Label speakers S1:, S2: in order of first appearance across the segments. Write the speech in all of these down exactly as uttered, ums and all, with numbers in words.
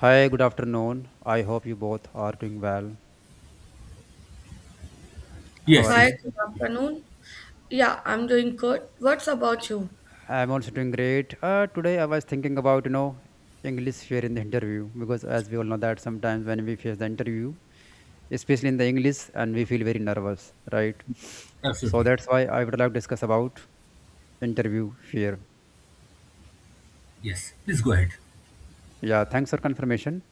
S1: Hi, good afternoon. I hope you both are doing well. How
S2: Yes,
S1: are
S3: Hi,
S2: yes,
S1: you?
S3: good afternoon. Yeah, I'm doing good. What's about you?
S1: I'm also doing great. Uh, today I was thinking about, you know, English fear in the interview because as we all know that sometimes when we face the interview, especially in the English, and we feel very nervous, right? So
S2: absolutely.
S1: that's why I would like to discuss about interview fear.
S2: Yes, please go ahead.
S1: Yeah, thanks for confirmation.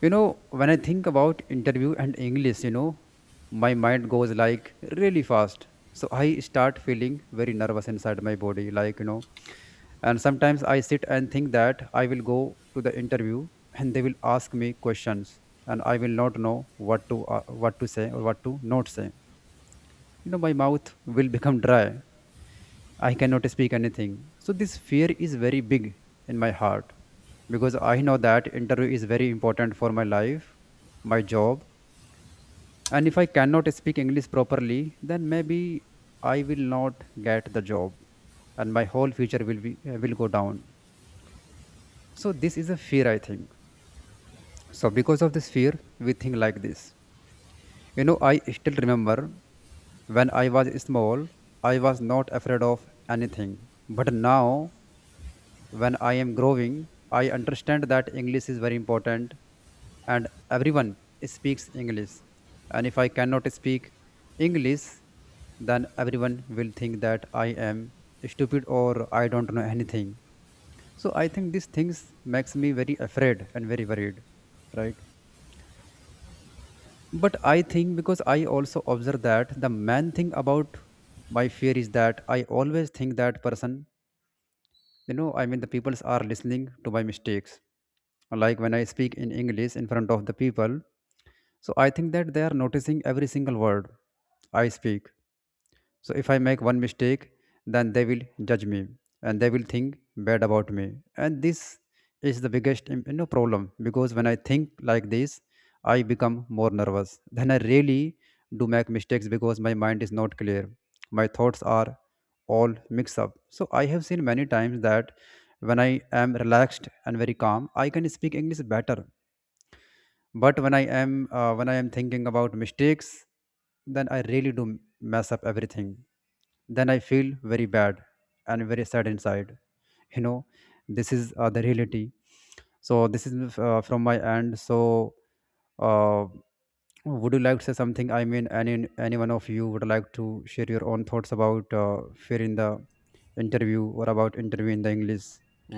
S1: You know, when I think about interview and English, you know, my mind goes like really fast. So I start feeling very nervous inside my body, like, you know, and sometimes I sit and think that I will go to the interview and they will ask me questions and I will not know what to uh, what to say or what to not say. You know, my mouth will become dry. I cannot speak anything. So this fear is very big in my heart because I know that interview is very important for my life, my job. And if I cannot speak English properly, then maybe I will not get the job and my whole future will be uh, will go down. So this is a fear, I think. So because of this fear, we think like this. You know, I still remember when I was small, I was not afraid of anything. But now, when I am growing, I understand that English is very important and everyone speaks English. And if I cannot speak English, then everyone will think that I am stupid or I don't know anything. So I think these things makes me very afraid and very worried, right? But I think because I also observe that the main thing about my fear is that I always think that person, you know, I mean, the peoples are listening to my mistakes. Like when I speak in English in front of the people, so I think that they are noticing every single word I speak. So if I make one mistake, then they will judge me and they will think bad about me. And this is the biggest im- you know, problem because when I think like this, I become more nervous. Then I really do make mistakes because my mind is not clear. My thoughts are all mixed up. So I have seen many times that when I am relaxed and very calm, I can speak English better, but when I am uh, when I am thinking about mistakes, then I really do mess up everything. Then I feel very bad and very sad inside, you know. This is uh, the reality. So this is, uh, from my end. So uh, would you like to say something? I mean, any any one of you would like to share your own thoughts about uh, fear in the interview or about interview in the English?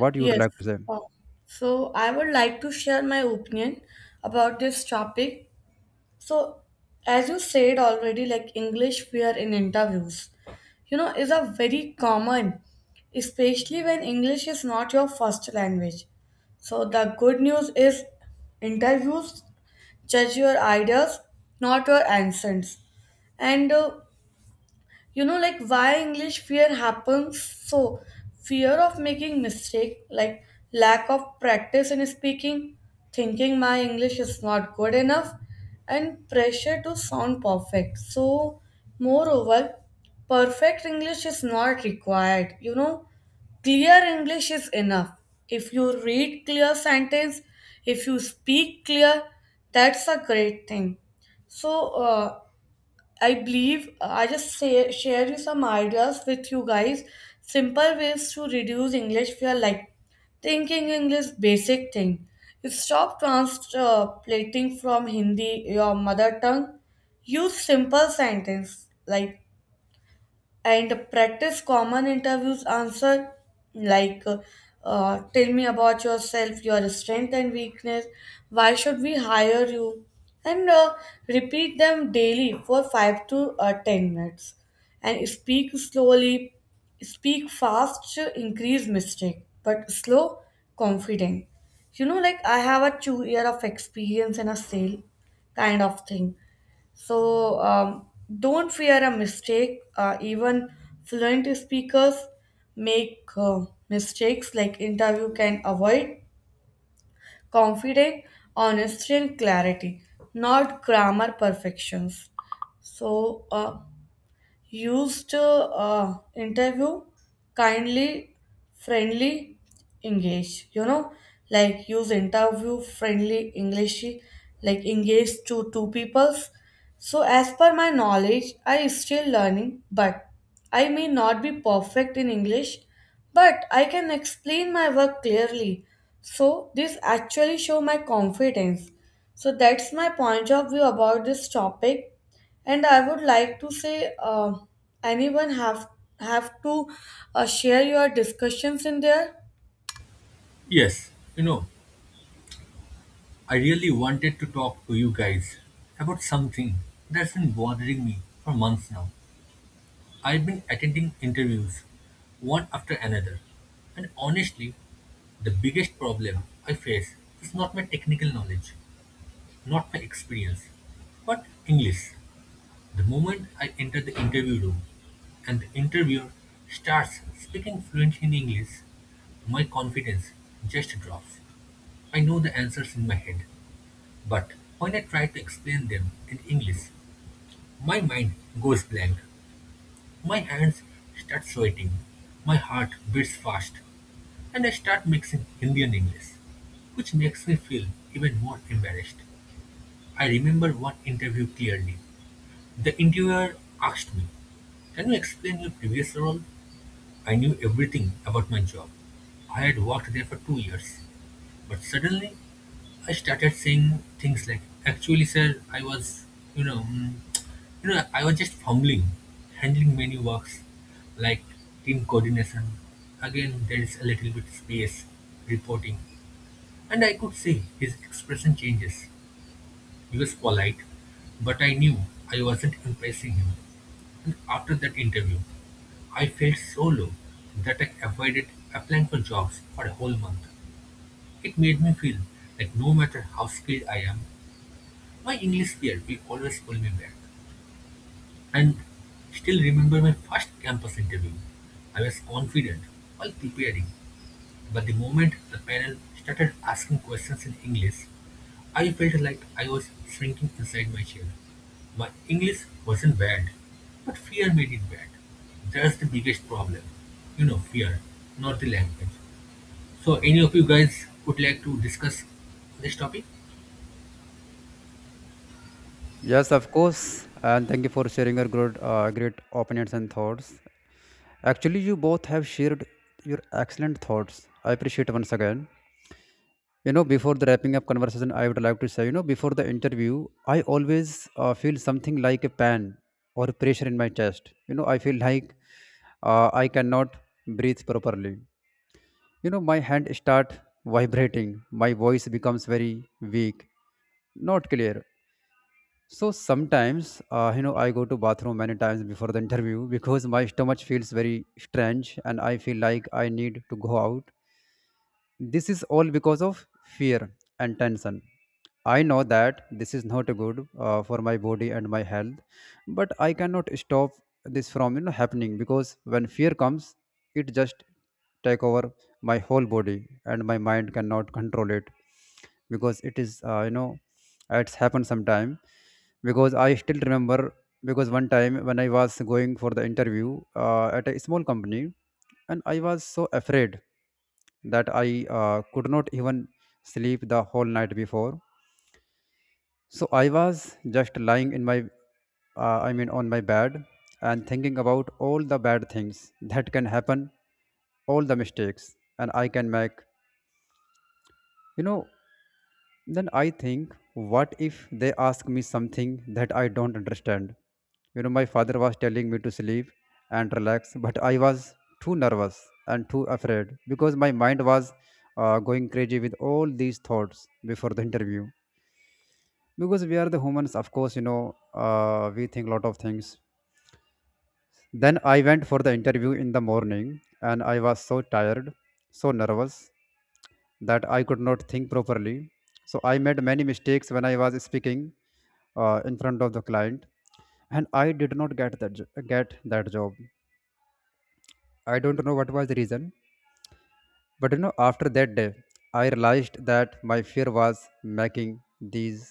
S1: What you would
S3: Yes.
S1: like to say?
S3: Uh, So, I would like to share my opinion about this topic. So, as you said already, like English fear in interviews, you know, is a very common, especially when English is not your first language. So, the good news is interviews judge your ideas, not your answers. And uh, you know, like why english fear happens? So fear of making mistake, like lack of practice in speaking, thinking my english is not good enough, and pressure to sound perfect. So moreover, perfect english is not required, you know, clear english is enough. If you read clear sentence, if you speak clear, that's a great thing. So uh, I believe uh, I just say, share you some ideas with you guys. Simple ways to reduce English fear, like thinking English basic thing. You stop translating from Hindi, your mother tongue. Use simple sentence like and practice common interviews answer, like uh, tell me about yourself, your strength and weakness, why should we hire you, and uh, repeat them daily for five to uh, ten minutes and speak slowly. Speak fast increase mistake, but slow confident. You know, like I have a two year of experience in a sale kind of thing. So um, don't fear a mistake. Uh, even fluent speakers make uh, mistakes. Like interview can avoid confident, honesty, and clarity, not grammar perfections. So uh, used uh, interview kindly, friendly, engage, you know, like use interview friendly english, like engage to two peoples. So as per my knowledge, I still learning, but I may not be perfect in english, but I can explain my work clearly. So this actually show my confidence. So that's my point of view about this topic. And I would like to say, uh, anyone have have to uh, share your discussions in there.
S2: Yes, you know, I really wanted to talk to you guys about something that's been bothering me for months now. I've been attending interviews, one after another, and honestly, the biggest problem I face is not my technical knowledge, not my experience, but English. The moment I enter the interview room and the interviewer starts speaking fluently in English, my confidence just drops. I know the answers in my head, but when I try to explain them in English, my mind goes blank. My hands start sweating, my heart beats fast, and I start mixing Hindi and English which makes me feel even more embarrassed. I remember one interview clearly. The interviewer asked me, "Can you explain your previous role? I knew everything about my job. I had worked there for two years. But suddenly, I started saying things like, actually, sir, I was, you know, mm, you know, I was just fumbling, handling many works like team coordination. Again, there is a little bit space, reporting. And I could see his expression changes. He was polite, but I knew I wasn't impressing him. And after that interview, I felt so low that I avoided applying for jobs for a whole month. It made me feel like no matter how skilled I am, my English peer will always pull me back. And still remember my first campus interview. I was confident while preparing, but the moment the panel started asking questions in English, I felt like I was shrinking inside my chair. My English wasn't bad, but fear made it bad. That's the biggest problem. You know, fear, not the language. So, any of you guys would like to discuss this topic?
S1: Yes, of course. And thank you for sharing your great uh, great opinions and thoughts. Actually, you both have shared your excellent thoughts. I appreciate once again. You know, before the wrapping up conversation, I would like to say, you know, before the interview, I always uh, feel something like a pain or pressure in my chest. You know, I feel like uh, I cannot breathe properly. You know, my hand start vibrating. My voice becomes very weak, not clear. So sometimes, uh, you know, I go to bathroom many times before the interview because my stomach feels very strange and I feel like I need to go out. This is all because of fear and tension. I know that this is not good uh, for my body and my health, but I cannot stop this from, you know, happening because when fear comes, it just take over my whole body and my mind cannot control it because it is, uh, you know, it's happened sometime because I still remember, because one time when I was going for the interview uh, at a small company and I was so afraid that I uh, could not even sleep the whole night before. So I was just lying in my, uh, I mean, on my bed and thinking about all the bad things that can happen, all the mistakes, and I can make. You know, then I think, what if they ask me something that I don't understand? You know, my father was telling me to sleep and relax, but I was too nervous and too afraid because my mind was uh, going crazy with all these thoughts before the interview. Because we are the humans, of course, you know, uh, we think a lot of things. Then I went for the interview in the morning and I was so tired, so nervous, that I could not think properly. So I made many mistakes when I was speaking uh, in front of the client and I did not get that jo- get that job. I don't know what was the reason, but you know, after that day, I realized that my fear was making these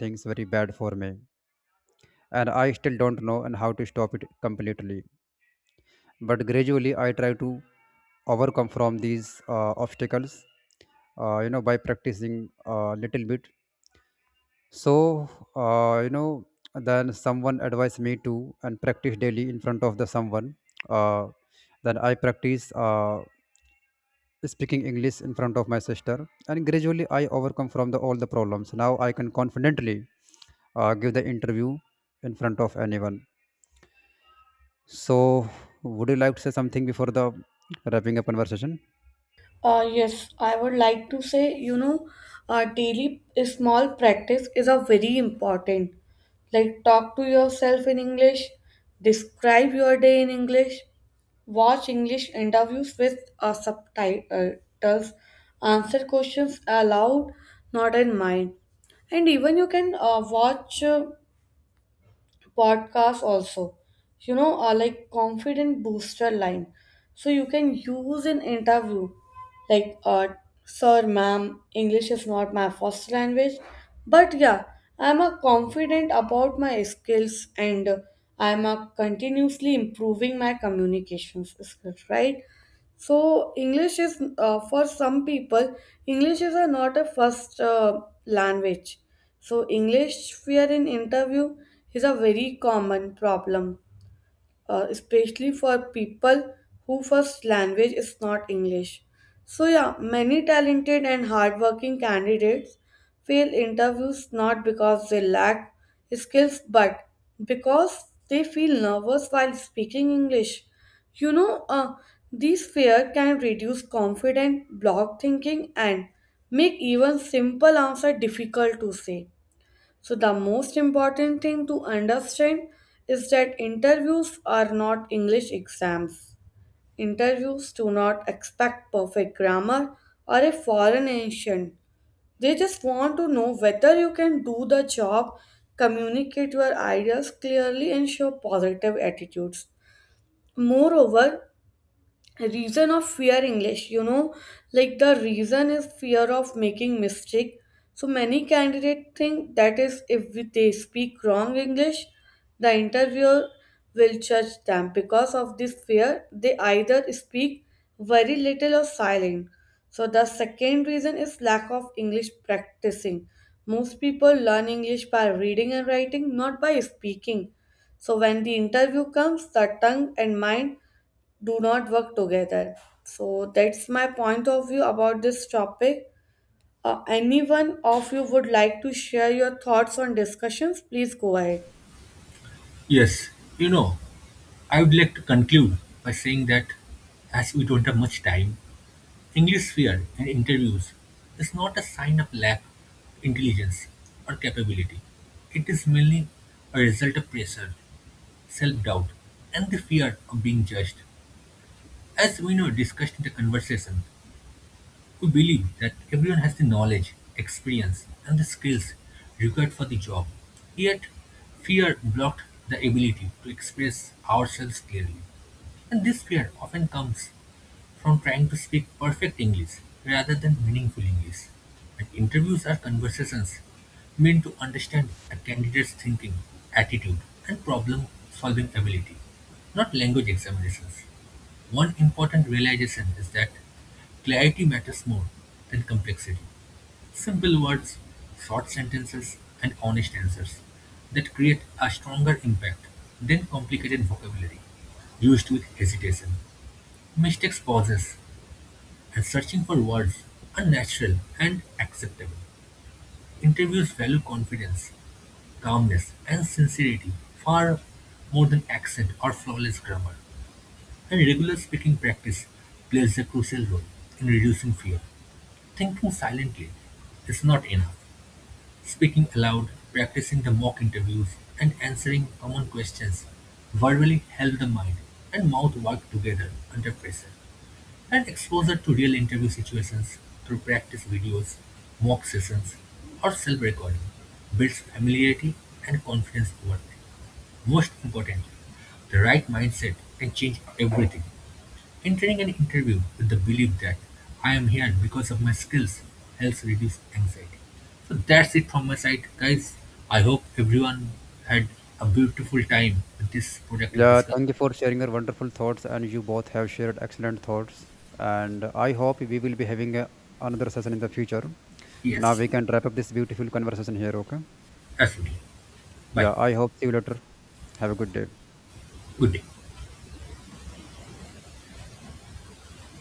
S1: things very bad for me. And I still don't know and how to stop it completely, but gradually I try to overcome from these uh, obstacles, uh, you know, by practicing a little bit. So uh, you know, then someone advised me to and practice daily in front of the someone. Uh, then i practice uh, speaking English in front of my sister and gradually I overcome from the all the problems. Now I can confidently uh, give the interview in front of anyone. So would you like to say something before the wrapping up conversation?
S3: Uh, yes, I would like to say, you know, uh, daily small practice is a very important. Like talk to yourself in English, describe your day in English, watch English interviews with uh, subtitles, answer questions aloud, not in mind. And even you can uh, watch. Uh, Podcasts also, you know, are like confident booster line, so you can use an interview like uh, sir ma'am, english is not my first language, but yeah, I'm a confident about my skills and I'm a continuously improving my communications skills, right? So English is, uh, for some people, English is a not a first uh, language. So English fear in interview is a very common problem, uh, especially for people who first language is not English. So yeah, many talented and hardworking candidates fail interviews not because they lack skills, but because they feel nervous while speaking English. You know, uh, these fear can reduce confidence, block thinking, and make even simple answer difficult to say. So, the most important thing to understand is that interviews are not English exams. Interviews do not expect perfect grammar or a foreign accent. They just want to know whether you can do the job, communicate your ideas clearly, and show positive attitudes. Moreover, reason of fear english, you know, like the reason is fear of making mistake. So many candidates think that is if we- they speak wrong english, the interviewer will judge them. Because of this fear, they either speak very little or silent. So the second reason is lack of english practicing. Most people learn english by reading and writing, not by speaking. So when the interview comes, the tongue and mind do not work together. So that's my point of view about this topic. Uh, anyone of you would like to share your thoughts on discussions? Please go ahead.
S2: Yes, you know, I would like to conclude by saying that as we don't have much time, English fear in interviews is not a sign of lack of intelligence or capability. It is mainly a result of pressure, self doubt, and the fear of being judged, as we know discussed in the conversation. We believe that everyone has the knowledge, experience, and the skills required for the job. Yet, fear blocked the ability to express ourselves clearly. And this fear often comes from trying to speak perfect English rather than meaningful English. And interviews are conversations meant to understand a candidate's thinking, attitude, and problem solving ability, not language examinations. One important realization is that clarity matters more than complexity. Simple words, short sentences, and honest answers that create a stronger impact than complicated vocabulary used with hesitation, mistakes, pauses, and searching for words are natural and acceptable. Interviews value confidence, calmness, and sincerity far more than accent or flawless grammar. And regular speaking practice plays a crucial role in reducing fear. Thinking silently is not enough. Speaking aloud, practicing the mock interviews, and answering common questions verbally help the mind and mouth work together under pressure. And exposure to real interview situations through practice videos, mock sessions, or self recording builds familiarity and confidence over time. Most importantly, the right mindset can change everything. Entering an interview with the belief that I am here because of my skills helps reduce anxiety. So that's it from my side, guys. I hope everyone had a beautiful time with this productive
S1: Yeah,
S2: discussion.
S1: thank you for sharing your wonderful thoughts, and you both have shared excellent thoughts. And I hope we will be having a, another session in the future. Now
S2: Yes,
S1: we can wrap up this beautiful conversation here, okay?
S2: absolutely. Bye.
S1: Yeah, I hope see you later. Have a good day.
S2: Good day.